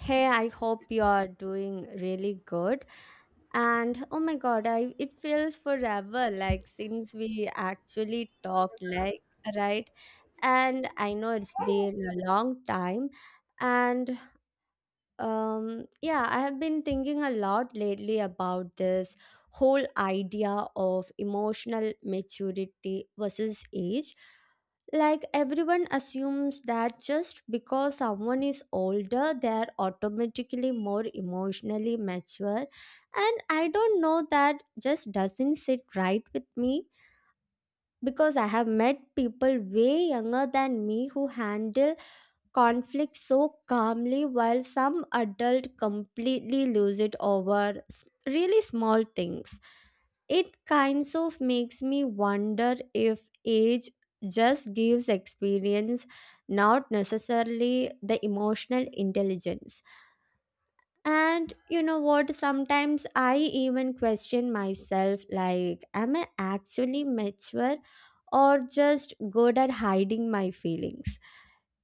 Hey, I hope you are doing really good. And oh my god, I it feels forever like since we actually talked like right. And I know it's been a long time and yeah, I have been thinking a lot lately about this whole idea of emotional maturity versus age. Like, everyone assumes that just because someone is older, they're automatically more emotionally mature. And I don't know, that just doesn't sit right with me because I have met people way younger than me who handle conflict so calmly while some adult completely lose it over really small things. It kinds of makes me wonder if age just gives experience, not necessarily the emotional intelligence. And you know what, sometimes I even question myself like am I actually mature or just good at hiding my feelings.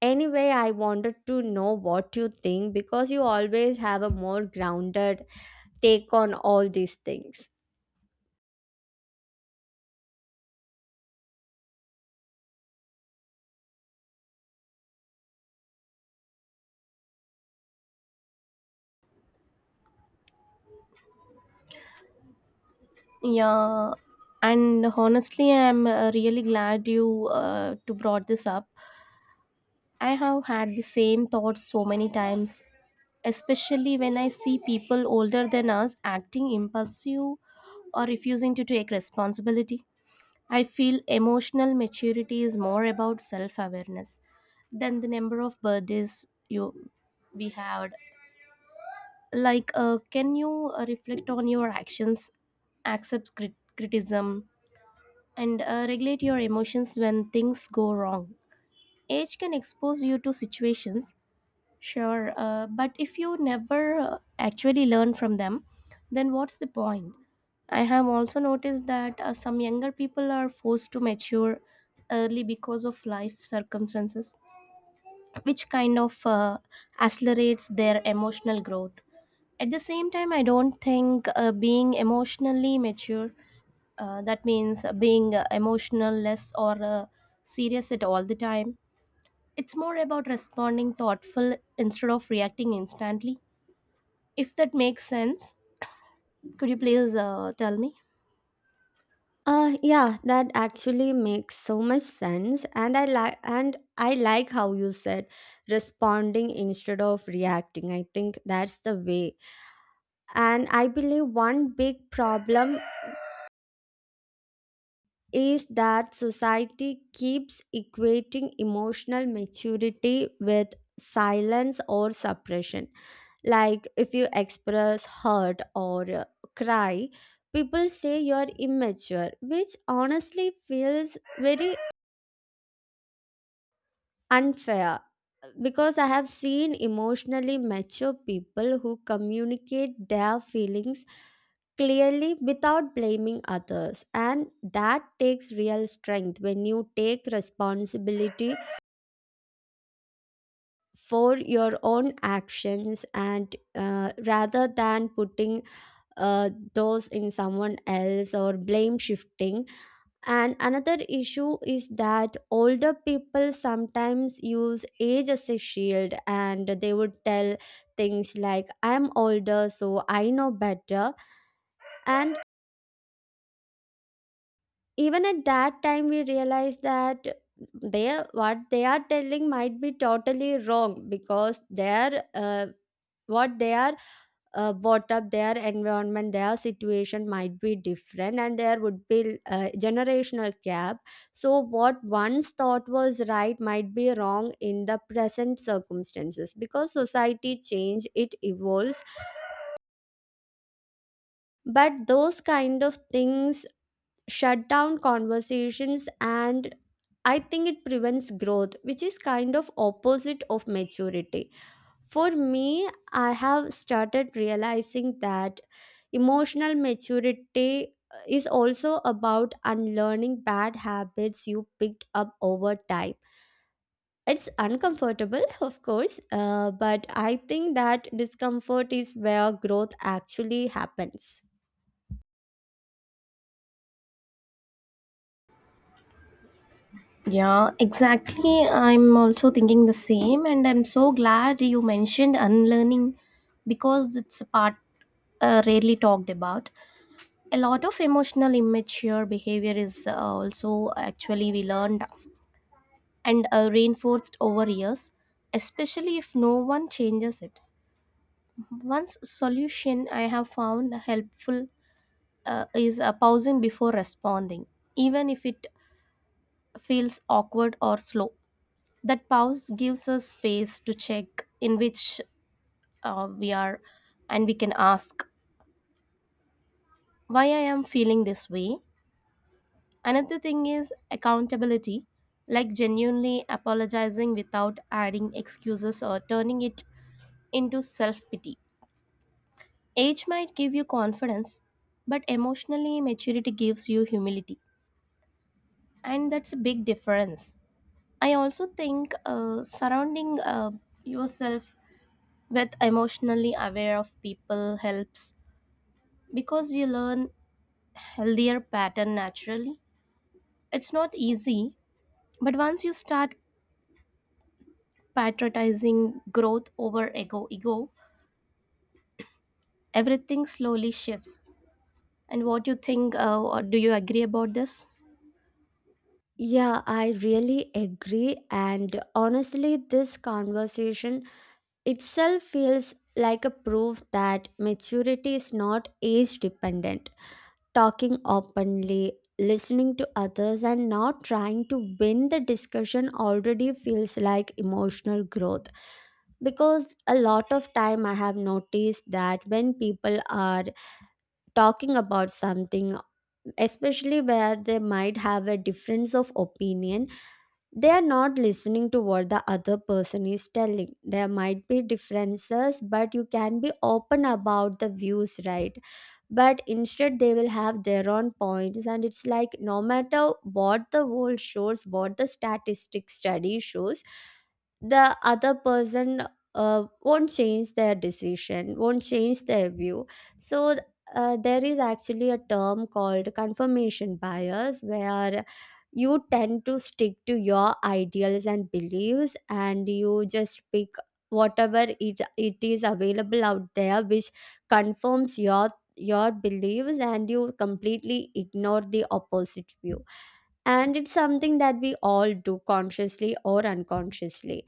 Anyway, I wanted to know what you think because you always have a more grounded take on all these things. Yeah, and honestly, I'm really glad you to brought this up. I have had the same thoughts so many times, especially when I see people older than us acting impulsive or refusing to take responsibility. I feel emotional maturity is more about self-awareness than the number of birthdays you we had. Can you reflect on your actions, accept criticism? And regulate your emotions when things go wrong. Age can expose you to situations, sure, but if you never actually learn from them, then what's the point? I have also noticed that some younger people are forced to mature early because of life circumstances, which kind of accelerates their emotional growth. At the same time, I don't think being emotionally mature that means being emotional less or serious at all the time. It's more about responding thoughtful instead of reacting instantly, if that makes sense. Could you please tell me. Yeah, that actually makes so much sense and I like how you said responding instead of reacting. I think that's the way. And I believe one big problem is that society keeps equating emotional maturity with silence or suppression. Like if you express hurt or cry, people say you're immature, which honestly feels very unfair because I have seen emotionally mature people who communicate their feelings clearly without blaming others, and that takes real strength when you take responsibility for your own actions and rather than putting those in someone else or blame shifting. And another issue is that older people sometimes use age as a shield and they would tell things like, I'm older, so I know better. And even at that time, we realize that they what they are telling might be totally wrong because their what they are brought up, their environment, their situation might be different and there would be a generational gap. So what once thought was right might be wrong in the present circumstances because society change, it evolves. But those kind of things shut down conversations, and I think it prevents growth, which is kind of opposite of maturity. For me, I have started realizing that emotional maturity is also about unlearning bad habits you picked up over time. It's uncomfortable, of course, but I think that discomfort is where growth actually happens. Yeah, exactly. I'm also thinking the same, and I'm so glad you mentioned unlearning because it's a part rarely talked about. A lot of emotional immature behavior is also actually we learned and reinforced over years, especially if no one changes it. Once solution I have found helpful is pausing before responding, even if it feels awkward or slow. That pause gives us space to check in which we are, and we can ask, why I am feeling this way. Another thing is accountability, like genuinely apologizing without adding excuses or turning it into self pity. Age might give you confidence, but emotionally maturity gives you humility, and that's a big difference. I also think surrounding yourself with emotionally aware of people helps because you learn healthier pattern naturally. It's not easy, but once you start prioritizing growth over ego, everything slowly shifts. And what you think? Or do you agree about this? Yeah, I really agree. And honestly, this conversation itself feels like a proof that maturity is not age dependent. Talking openly, listening to others, and not trying to win the discussion already feels like emotional growth. Because a lot of time I have noticed that when people are talking about something, especially where they might have a difference of opinion, they are not listening to what the other person is telling. There might be differences, but you can be open about the views, right? But instead they will have their own points, and it's like no matter what the world shows, what the statistic study shows, the other person won't change their decision, won't change their view. So there is actually a term called confirmation bias where you tend to stick to your ideals and beliefs and you just pick whatever it is available out there, which confirms your beliefs, and you completely ignore the opposite view. And it's something that we all do consciously or unconsciously.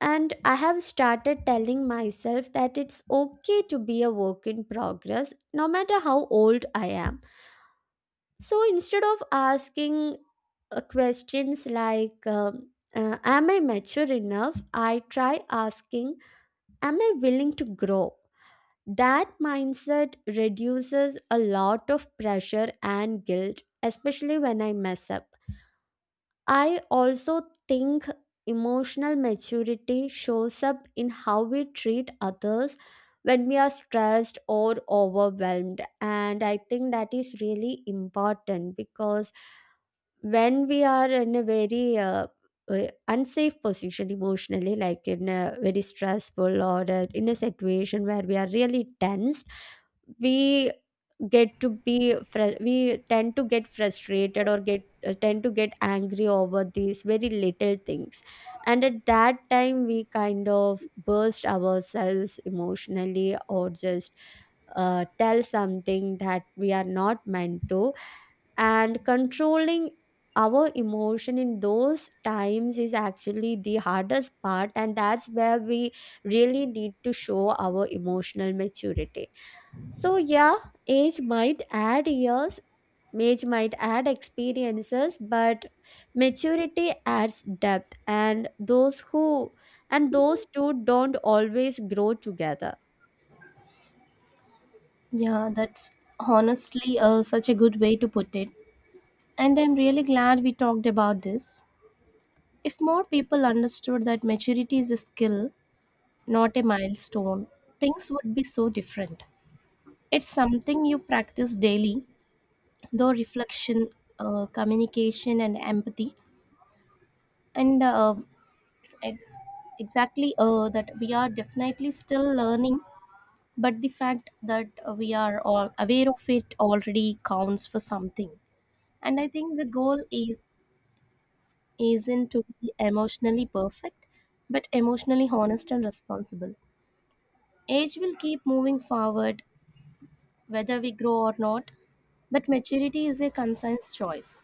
And I have started telling myself that it's okay to be a work in progress no matter how old I am. So instead of asking questions like am I mature enough, I try asking, am I willing to grow? That mindset reduces a lot of pressure and guilt, especially when I mess up. I also think emotional maturity shows up in how we treat others when we are stressed or overwhelmed. And I think that is really important because when we are in a very unsafe position emotionally, like in a very stressful or in a situation where we are really tensed, we get to be fr- we tend to get frustrated or get tend to get angry over these very little things. And at that time we kind of burst ourselves emotionally or just tell something that we are not meant to. And controlling our emotion in those times is actually the hardest part, and that's where we really need to show our emotional maturity. So yeah, age might add years, age might add experiences, but maturity adds depth, and those who and those two don't always grow together. Yeah, that's honestly such a good way to put it. And I'm really glad we talked about this. If more people understood that maturity is a skill, not a milestone, things would be so different. It's something you practice daily, though reflection, communication, and empathy. And uh, e- exactly that we are definitely still learning, but the fact that we are all aware of it already counts for something. And I think the goal is isn't to be emotionally perfect, but emotionally honest and responsible. Age will keep moving forward whether we grow or not, but maturity is a conscious choice.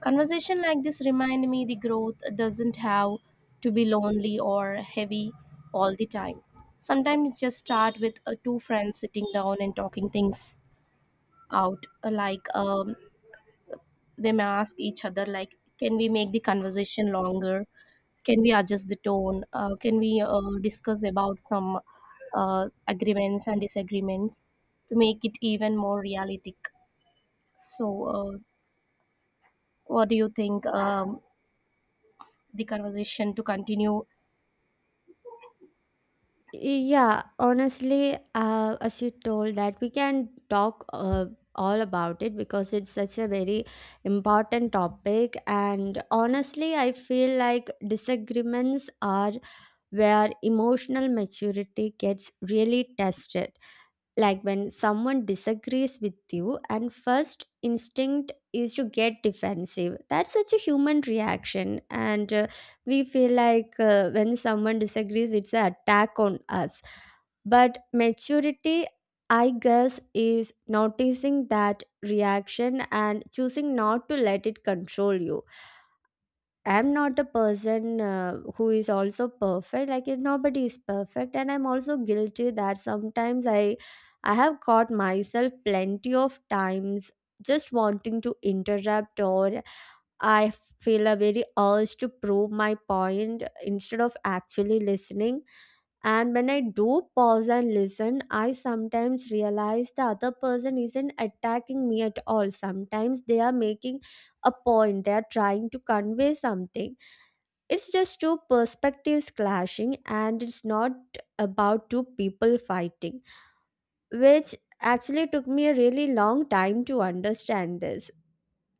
Conversation like this remind me the growth doesn't have to be lonely or heavy all the time. Sometimes it just start with two friends sitting down and talking things out, like they may ask each other like, can we make the conversation longer, can we adjust the tone, can we discuss about some agreements and disagreements to make it even more realistic. So uh, what do you think, the conversation to continue. Yeah, honestly, as you told that we can talk all about it because it's such a very important topic. And honestly, I feel like disagreements are where emotional maturity gets really tested. Like when someone disagrees with you and first instinct is to get defensive, that's such a human reaction. And we feel like when someone disagrees it's an attack on us. But maturity, I guess, is noticing that reaction and choosing not to let it control you. I'm not a person who is also perfect. Like if nobody is perfect, and I'm also guilty that sometimes I have caught myself plenty of times just wanting to interrupt, or I feel a very urge to prove my point instead of actually listening. And when I do pause and listen, I sometimes realize the other person isn't attacking me at all. Sometimes they are making a point. They are trying to convey something. It's just two perspectives clashing, and it's not about two people fighting, which actually took me a really long time to understand this.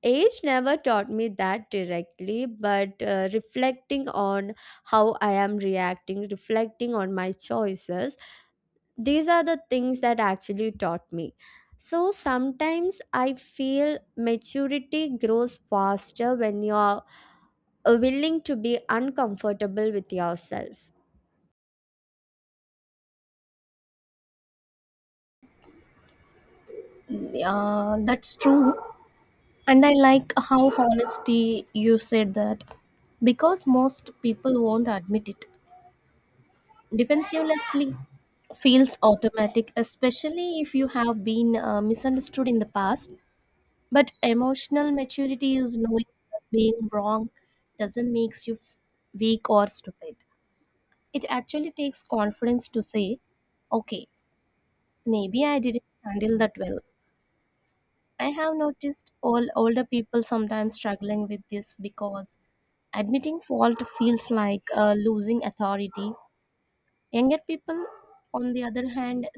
Age never taught me that directly, but reflecting on how I am reacting, reflecting on my choices, these are the things that actually taught me. So sometimes I feel maturity grows faster when you're willing to be uncomfortable with yourself. That's true, and I like how honesty you said that, because most people won't admit it. Defensivelessly feels automatic, especially if you have been misunderstood in the past. But emotional maturity is knowing that being wrong doesn't make you weak or stupid. It actually takes confidence to say, okay, maybe I didn't handle that well. I have noticed all older people sometimes struggling with this because admitting fault feels like losing authority. Younger people, on the other hand,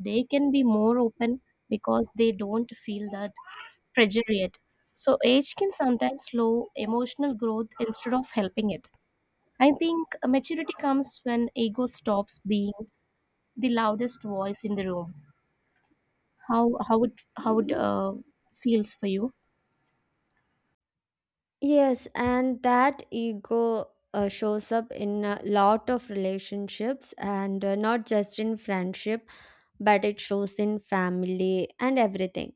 they can be more open because they don't feel that pressure yet. So, age can sometimes slow emotional growth instead of helping it. I think maturity comes when ego stops being the loudest voice in the room. How how it feels for you? Yes, and that ego shows up in a lot of relationships, and not just in friendship, but it shows in family and everything.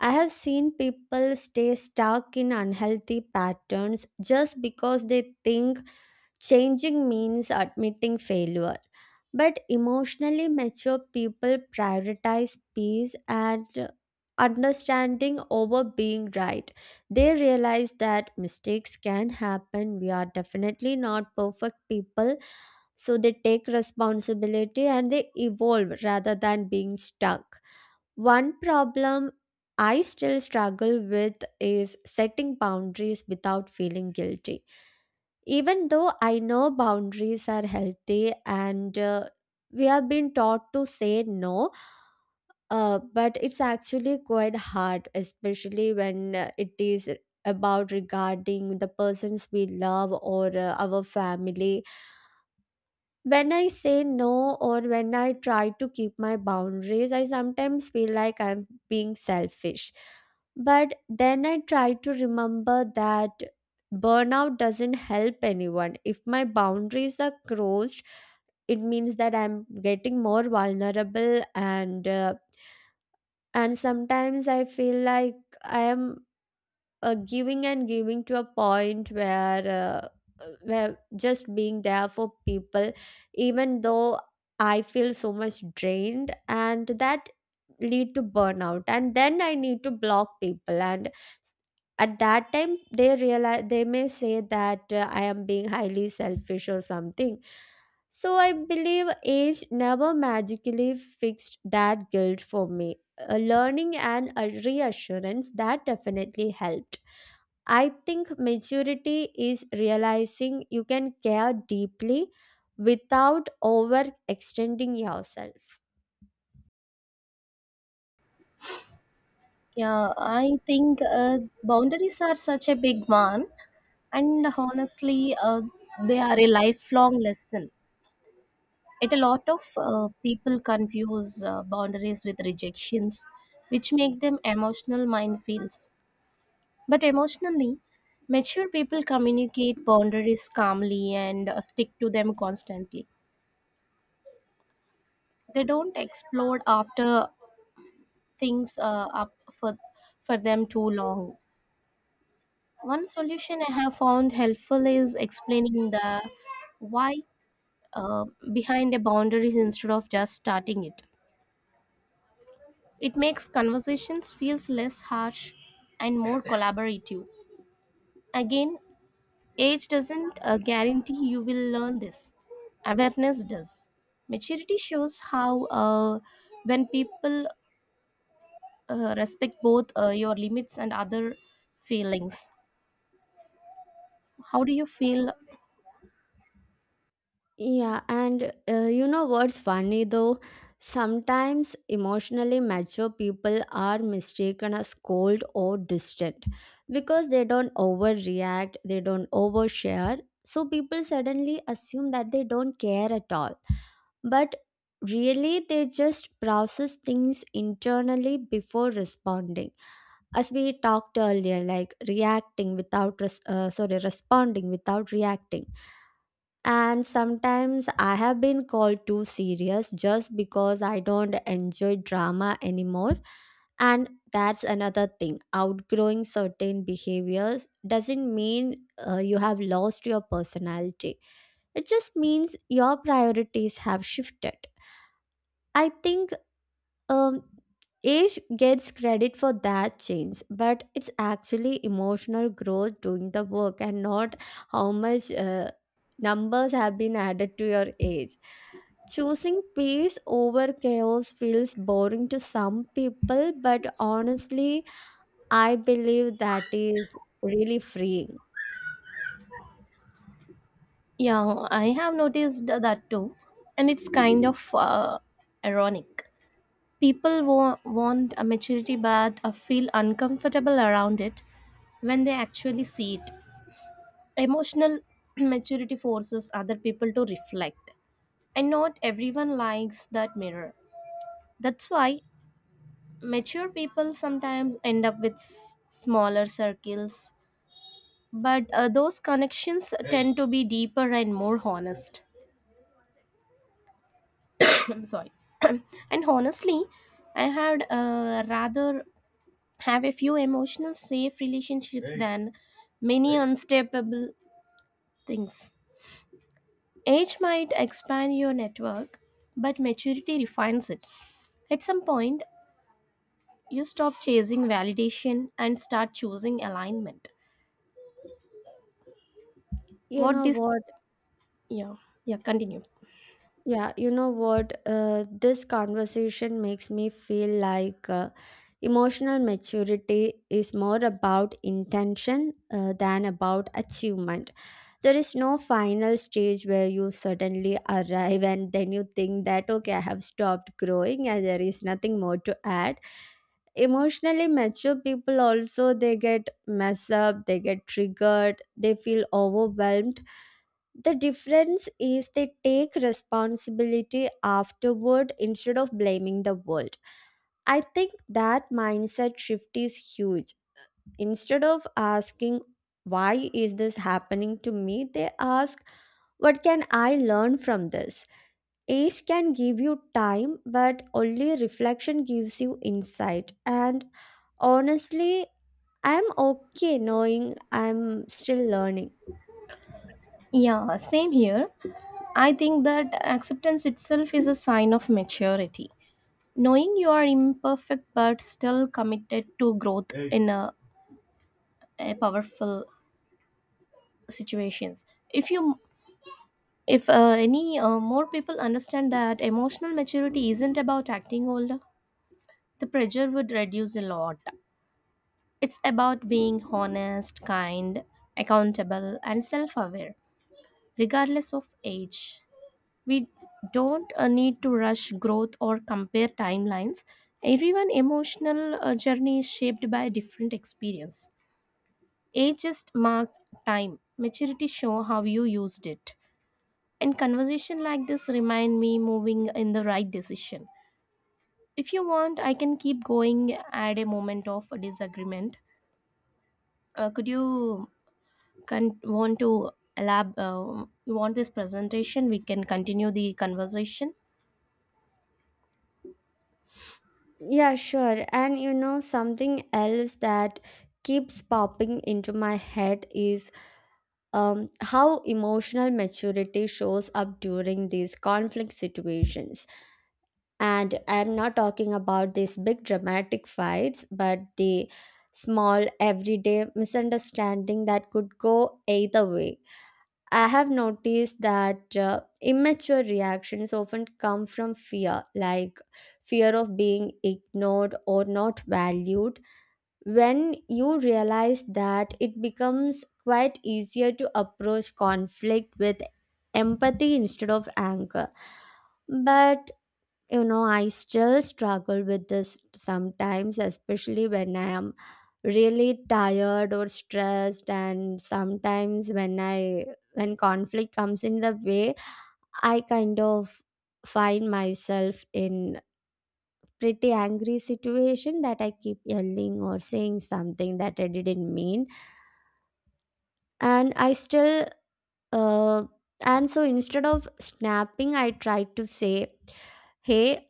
I have seen people stay stuck in unhealthy patterns just because they think changing means admitting failure. But emotionally mature people prioritize peace and understanding over being right. They realize that mistakes can happen. We are definitely not perfect people. So they take responsibility and they evolve rather than being stuck. One problem I still struggle with is setting boundaries without feeling guilty. Even though I know boundaries are healthy and we have been taught to say no, but it's actually quite hard, especially when it is about regarding the persons we love or our family. When I say no or when I try to keep my boundaries, I sometimes feel like I'm being selfish. But then I try to remember that burnout doesn't help anyone. If my boundaries are crossed, it means that I'm getting more vulnerable, and sometimes I feel like I am giving and giving to a point where just being there for people, even though I feel so much drained, and that lead to burnout, and then I need to block people. And at that time they realize, they may say that I am being highly selfish or something. So I believe age never magically fixed that guilt for me. A learning and a reassurance that definitely helped. I think maturity is realizing you can care deeply without overextending yourself. Yeah, I think boundaries are such a big one, and honestly, they are a lifelong lesson. Yet a lot of people confuse boundaries with rejections, which make them emotional minefields. But emotionally, mature people communicate boundaries calmly and stick to them constantly. They don't explode after things up for them too long. One solution I have found helpful is explaining the why uh, behind a boundary instead of just starting it. It makes conversations feels less harsh and more collaborative. Again, age doesn't guarantee you will learn this. Awareness does. Maturity shows how when people respect both your limits and other feelings. How do you feel? Yeah, and you know what's funny though? Sometimes emotionally mature people are mistaken as cold or distant because they don't overreact, they don't overshare. So people suddenly assume that they don't care at all, but really they just process things internally before responding, as we talked earlier, like reacting without sorry, responding without reacting. And sometimes I have been called too serious just because I don't enjoy drama anymore. And that's another thing, outgrowing certain behaviors doesn't mean you have lost your personality, it just means your priorities have shifted. I think um, age gets credit for that change, but it's actually emotional growth doing the work, and not how much numbers have been added to your age. Choosing peace over chaos feels boring to some people, but honestly, I believe that is really freeing. Yeah, I have noticed that too, and it's kind of ironic. People want a maturity but feel uncomfortable around it when they actually see it. Emotional maturity forces other people to reflect, and not everyone likes that mirror. That's why mature people sometimes end up with smaller circles, but those connections tend to be deeper and more honest. I'm sorry. And honestly, I had a rather have a few emotional safe relationships than many unstable things. Age might expand your network, but maturity refines it. At some point, you stop chasing validation and start choosing alignment. You What know this what? yeah, yeah, continue. Yeah, you know what? This conversation makes me feel like emotional maturity is more about intention than about achievement. There is no final stage where you suddenly arrive and then you think that, okay, I have stopped growing and there is nothing more to add. Emotionally mature people also, they get messed up, they get triggered, they feel overwhelmed. The difference is they take responsibility afterward instead of blaming the world. I think that mindset shift is huge. Instead of asking, why is this happening to me? They ask, what can I learn from this? Age can give you time, but only reflection gives you insight. And honestly, I'm okay knowing I'm still learning. Yeah, same here. I think that acceptance itself is a sign of maturity. Knowing you are imperfect but still committed to growth in a powerful situations. If you if uh, any more people understand that emotional maturity isn't about acting older, the pressure would reduce a lot. It's about being honest, kind, accountable and self-aware, regardless of age. We don't need to rush growth or compare timelines. Everyone emotional journey is shaped by different experience. Age just marks time, maturity shows how you used it. And conversation like this remind me moving in the right decision. If you want, I can keep going at a moment of disagreement. Could you want to elab? You want this presentation? We can continue the conversation. Yeah, sure. And you know, something else that keeps popping into my head is how emotional maturity shows up during these conflict situations. And I'm not talking about these big dramatic fights, but the small everyday misunderstanding that could go either way. I have noticed that immature reactions often come from fear, like fear of being ignored or not valued. When you realize that, it becomes quite easier to approach conflict with empathy instead of anger. But you know, I still struggle with this sometimes, especially when I am really tired or stressed. And sometimes when I when conflict comes in the way, I kind of find myself in pretty angry situation that I keep yelling or saying something that I didn't mean. And I still uh, and so instead of snapping, I try to say, hey,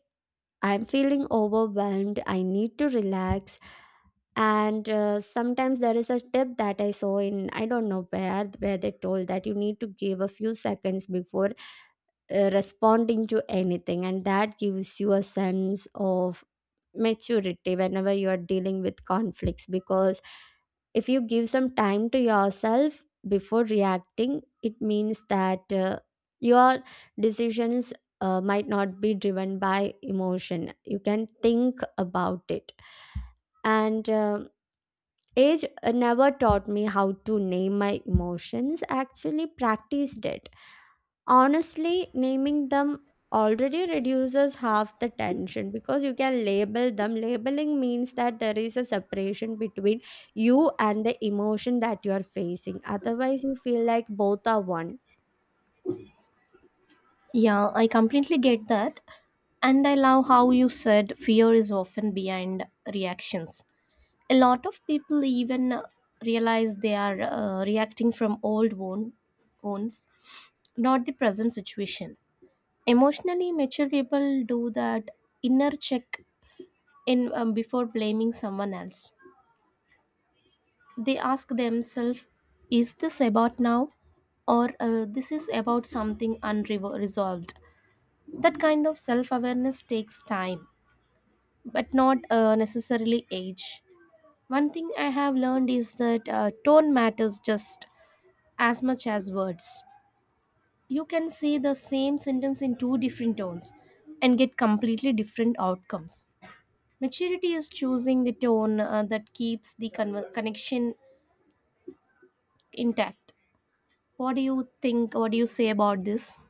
I'm feeling overwhelmed. I need to relax. And sometimes there is a tip that I saw in I don't know where they told that you need to give a few seconds before responding to anything, and that gives you a sense of maturity whenever you are dealing with conflicts, because if you give some time to yourself before reacting, it means that your decisions might not be driven by emotion. You can think about it. And age never taught me how to name my emotions, actually, practiced it. Honestly, naming them already reduces half the tension because you can label them. Labeling means that there is a separation between you and the emotion that you are facing. Otherwise, you feel like both are one. Yeah, I completely get that. And I love how you said fear is often behind reactions. A lot of people even realize they are reacting from wounds, not the present situation. Emotionally mature people do that inner check in, before blaming someone else. They ask themselves, "Is this about now, or this is about something unresolved?" That kind of self-awareness takes time, but not necessarily age. One thing I have learned is that tone matters just as much as words. You can say the same sentence in two different tones and get completely different outcomes. Maturity is choosing the tone that keeps the connection intact. What do you think? What do you say about this?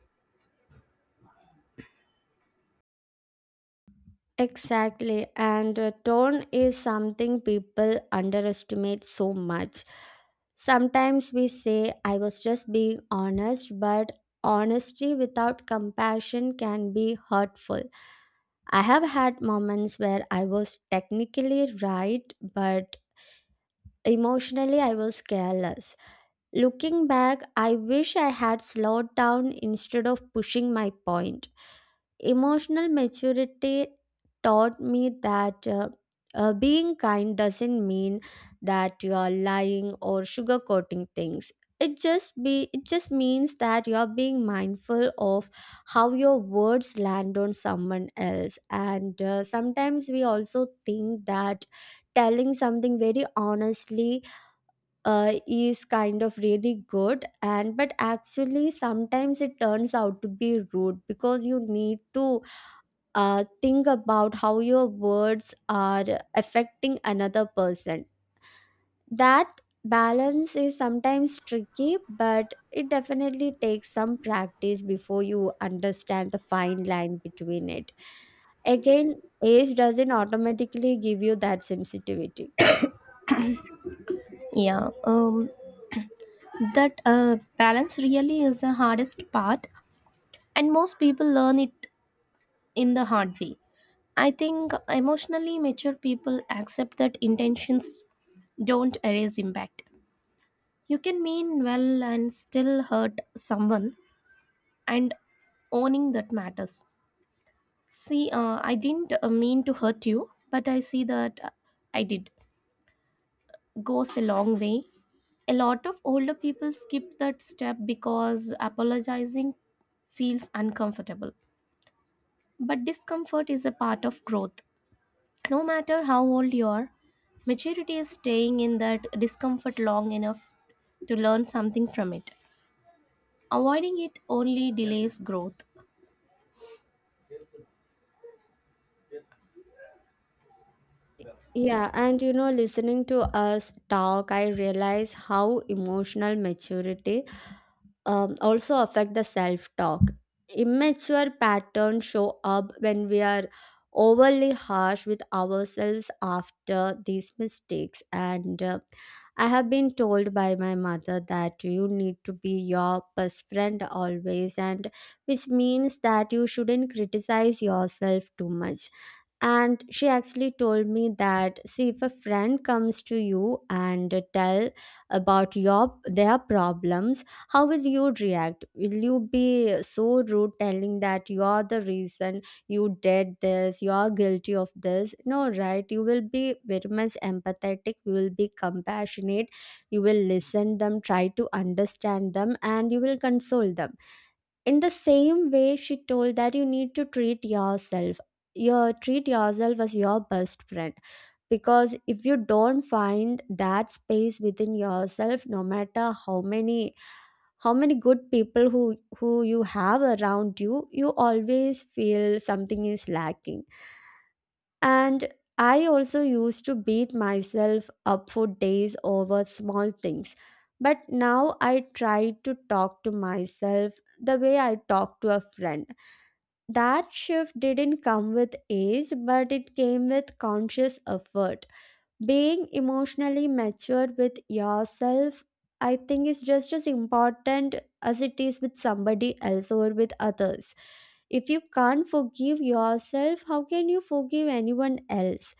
Exactly, and tone is something people underestimate so much. Sometimes we say, I was just being honest, but honesty without compassion can be hurtful. I have had moments where I was technically right, but emotionally I was careless. Looking back, I wish I had slowed down instead of pushing my point. Emotional maturity taught me that being kind doesn't mean that you are lying or sugarcoating things. It just means that you are being mindful of how your words land on someone else. And sometimes we also think that telling something very honestly is kind of really good, and but actually sometimes it turns out to be rude because you need to think about how your words are affecting another person. That balance is sometimes tricky, but it definitely takes some practice before you understand the fine line between it. Again, age doesn't automatically give you that sensitivity. Yeah, that balance really is the hardest part, and most people learn it in the hard way. I think emotionally mature people accept that intentions don't erase impact. You can mean well and still hurt someone, and owning that matters. I didn't mean to hurt you, but I see that I did. Goes a long way. A lot of older people skip that step because apologizing feels uncomfortable. But discomfort is a part of growth. No matter how old you are, maturity is staying in that discomfort long enough to learn something from it. Avoiding it only delays growth. Yeah, and you know, listening to us talk, I realize how emotional maturity also affect the self talk. Immature patterns show up when we are overly harsh with ourselves after these mistakes. And I have been told by my mother that you need to be your best friend always, and which means that you shouldn't criticize yourself too much. And she actually told me that, see, if a friend comes to you and tell about your their problems, how will you react? Will you be so rude telling that you're the reason you did this, you're guilty of this? No, right? You will be very much empathetic, you will be compassionate, you will listen them, try to understand them, and you will console them. In the same way, she told that you need to treat yourself. Your Treat yourself as your best friend, because if you don't find that space within yourself, no matter how many good people who you have around you, you always feel something is lacking. And I also used to beat myself up for days over small things, but now I try to talk to myself the way I talk to a friend. That shift didn't come with age, but it came with conscious effort. Being emotionally matured with yourself, I think, is just as important as it is with somebody else or with others. If you can't forgive yourself, how can you forgive anyone else?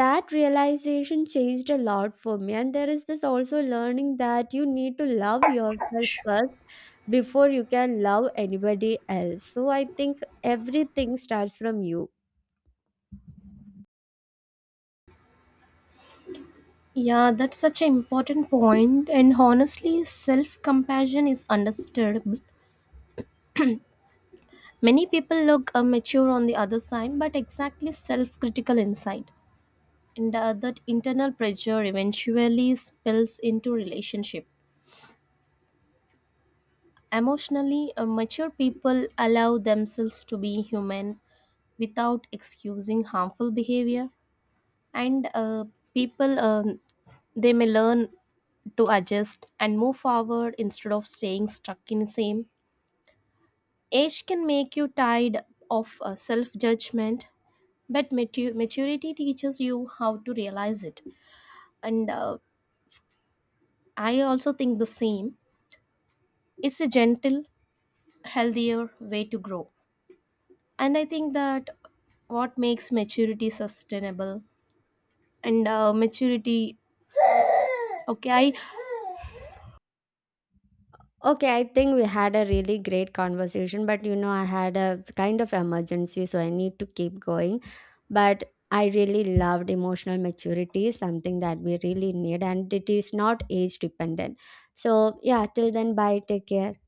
That realization changed a lot for me, and there is this also learning that you need to love yourself first before you can love anybody else. So I think everything starts from you. Yeah, that's such an important point. And honestly, self compassion is understood. Many people look mature on the other side, but exactly self critical inside. And that internal pressure eventually spills into relationship. Emotionally, mature people allow themselves to be human without excusing harmful behavior. And People, they may learn to adjust and move forward instead of staying stuck in the same. Age can make you tired of self judgment, but maturity teaches you how to realize it, and I also think the same. It's a gentle healthier way to grow, and I think that what makes maturity sustainable and maturity okay I Okay, I think we had a really great conversation, but you know, I had a kind of emergency, so I need to keep going. But I really loved emotional maturity, is something that we really need, and it is not age dependent. So, yeah, till then, bye. Take care.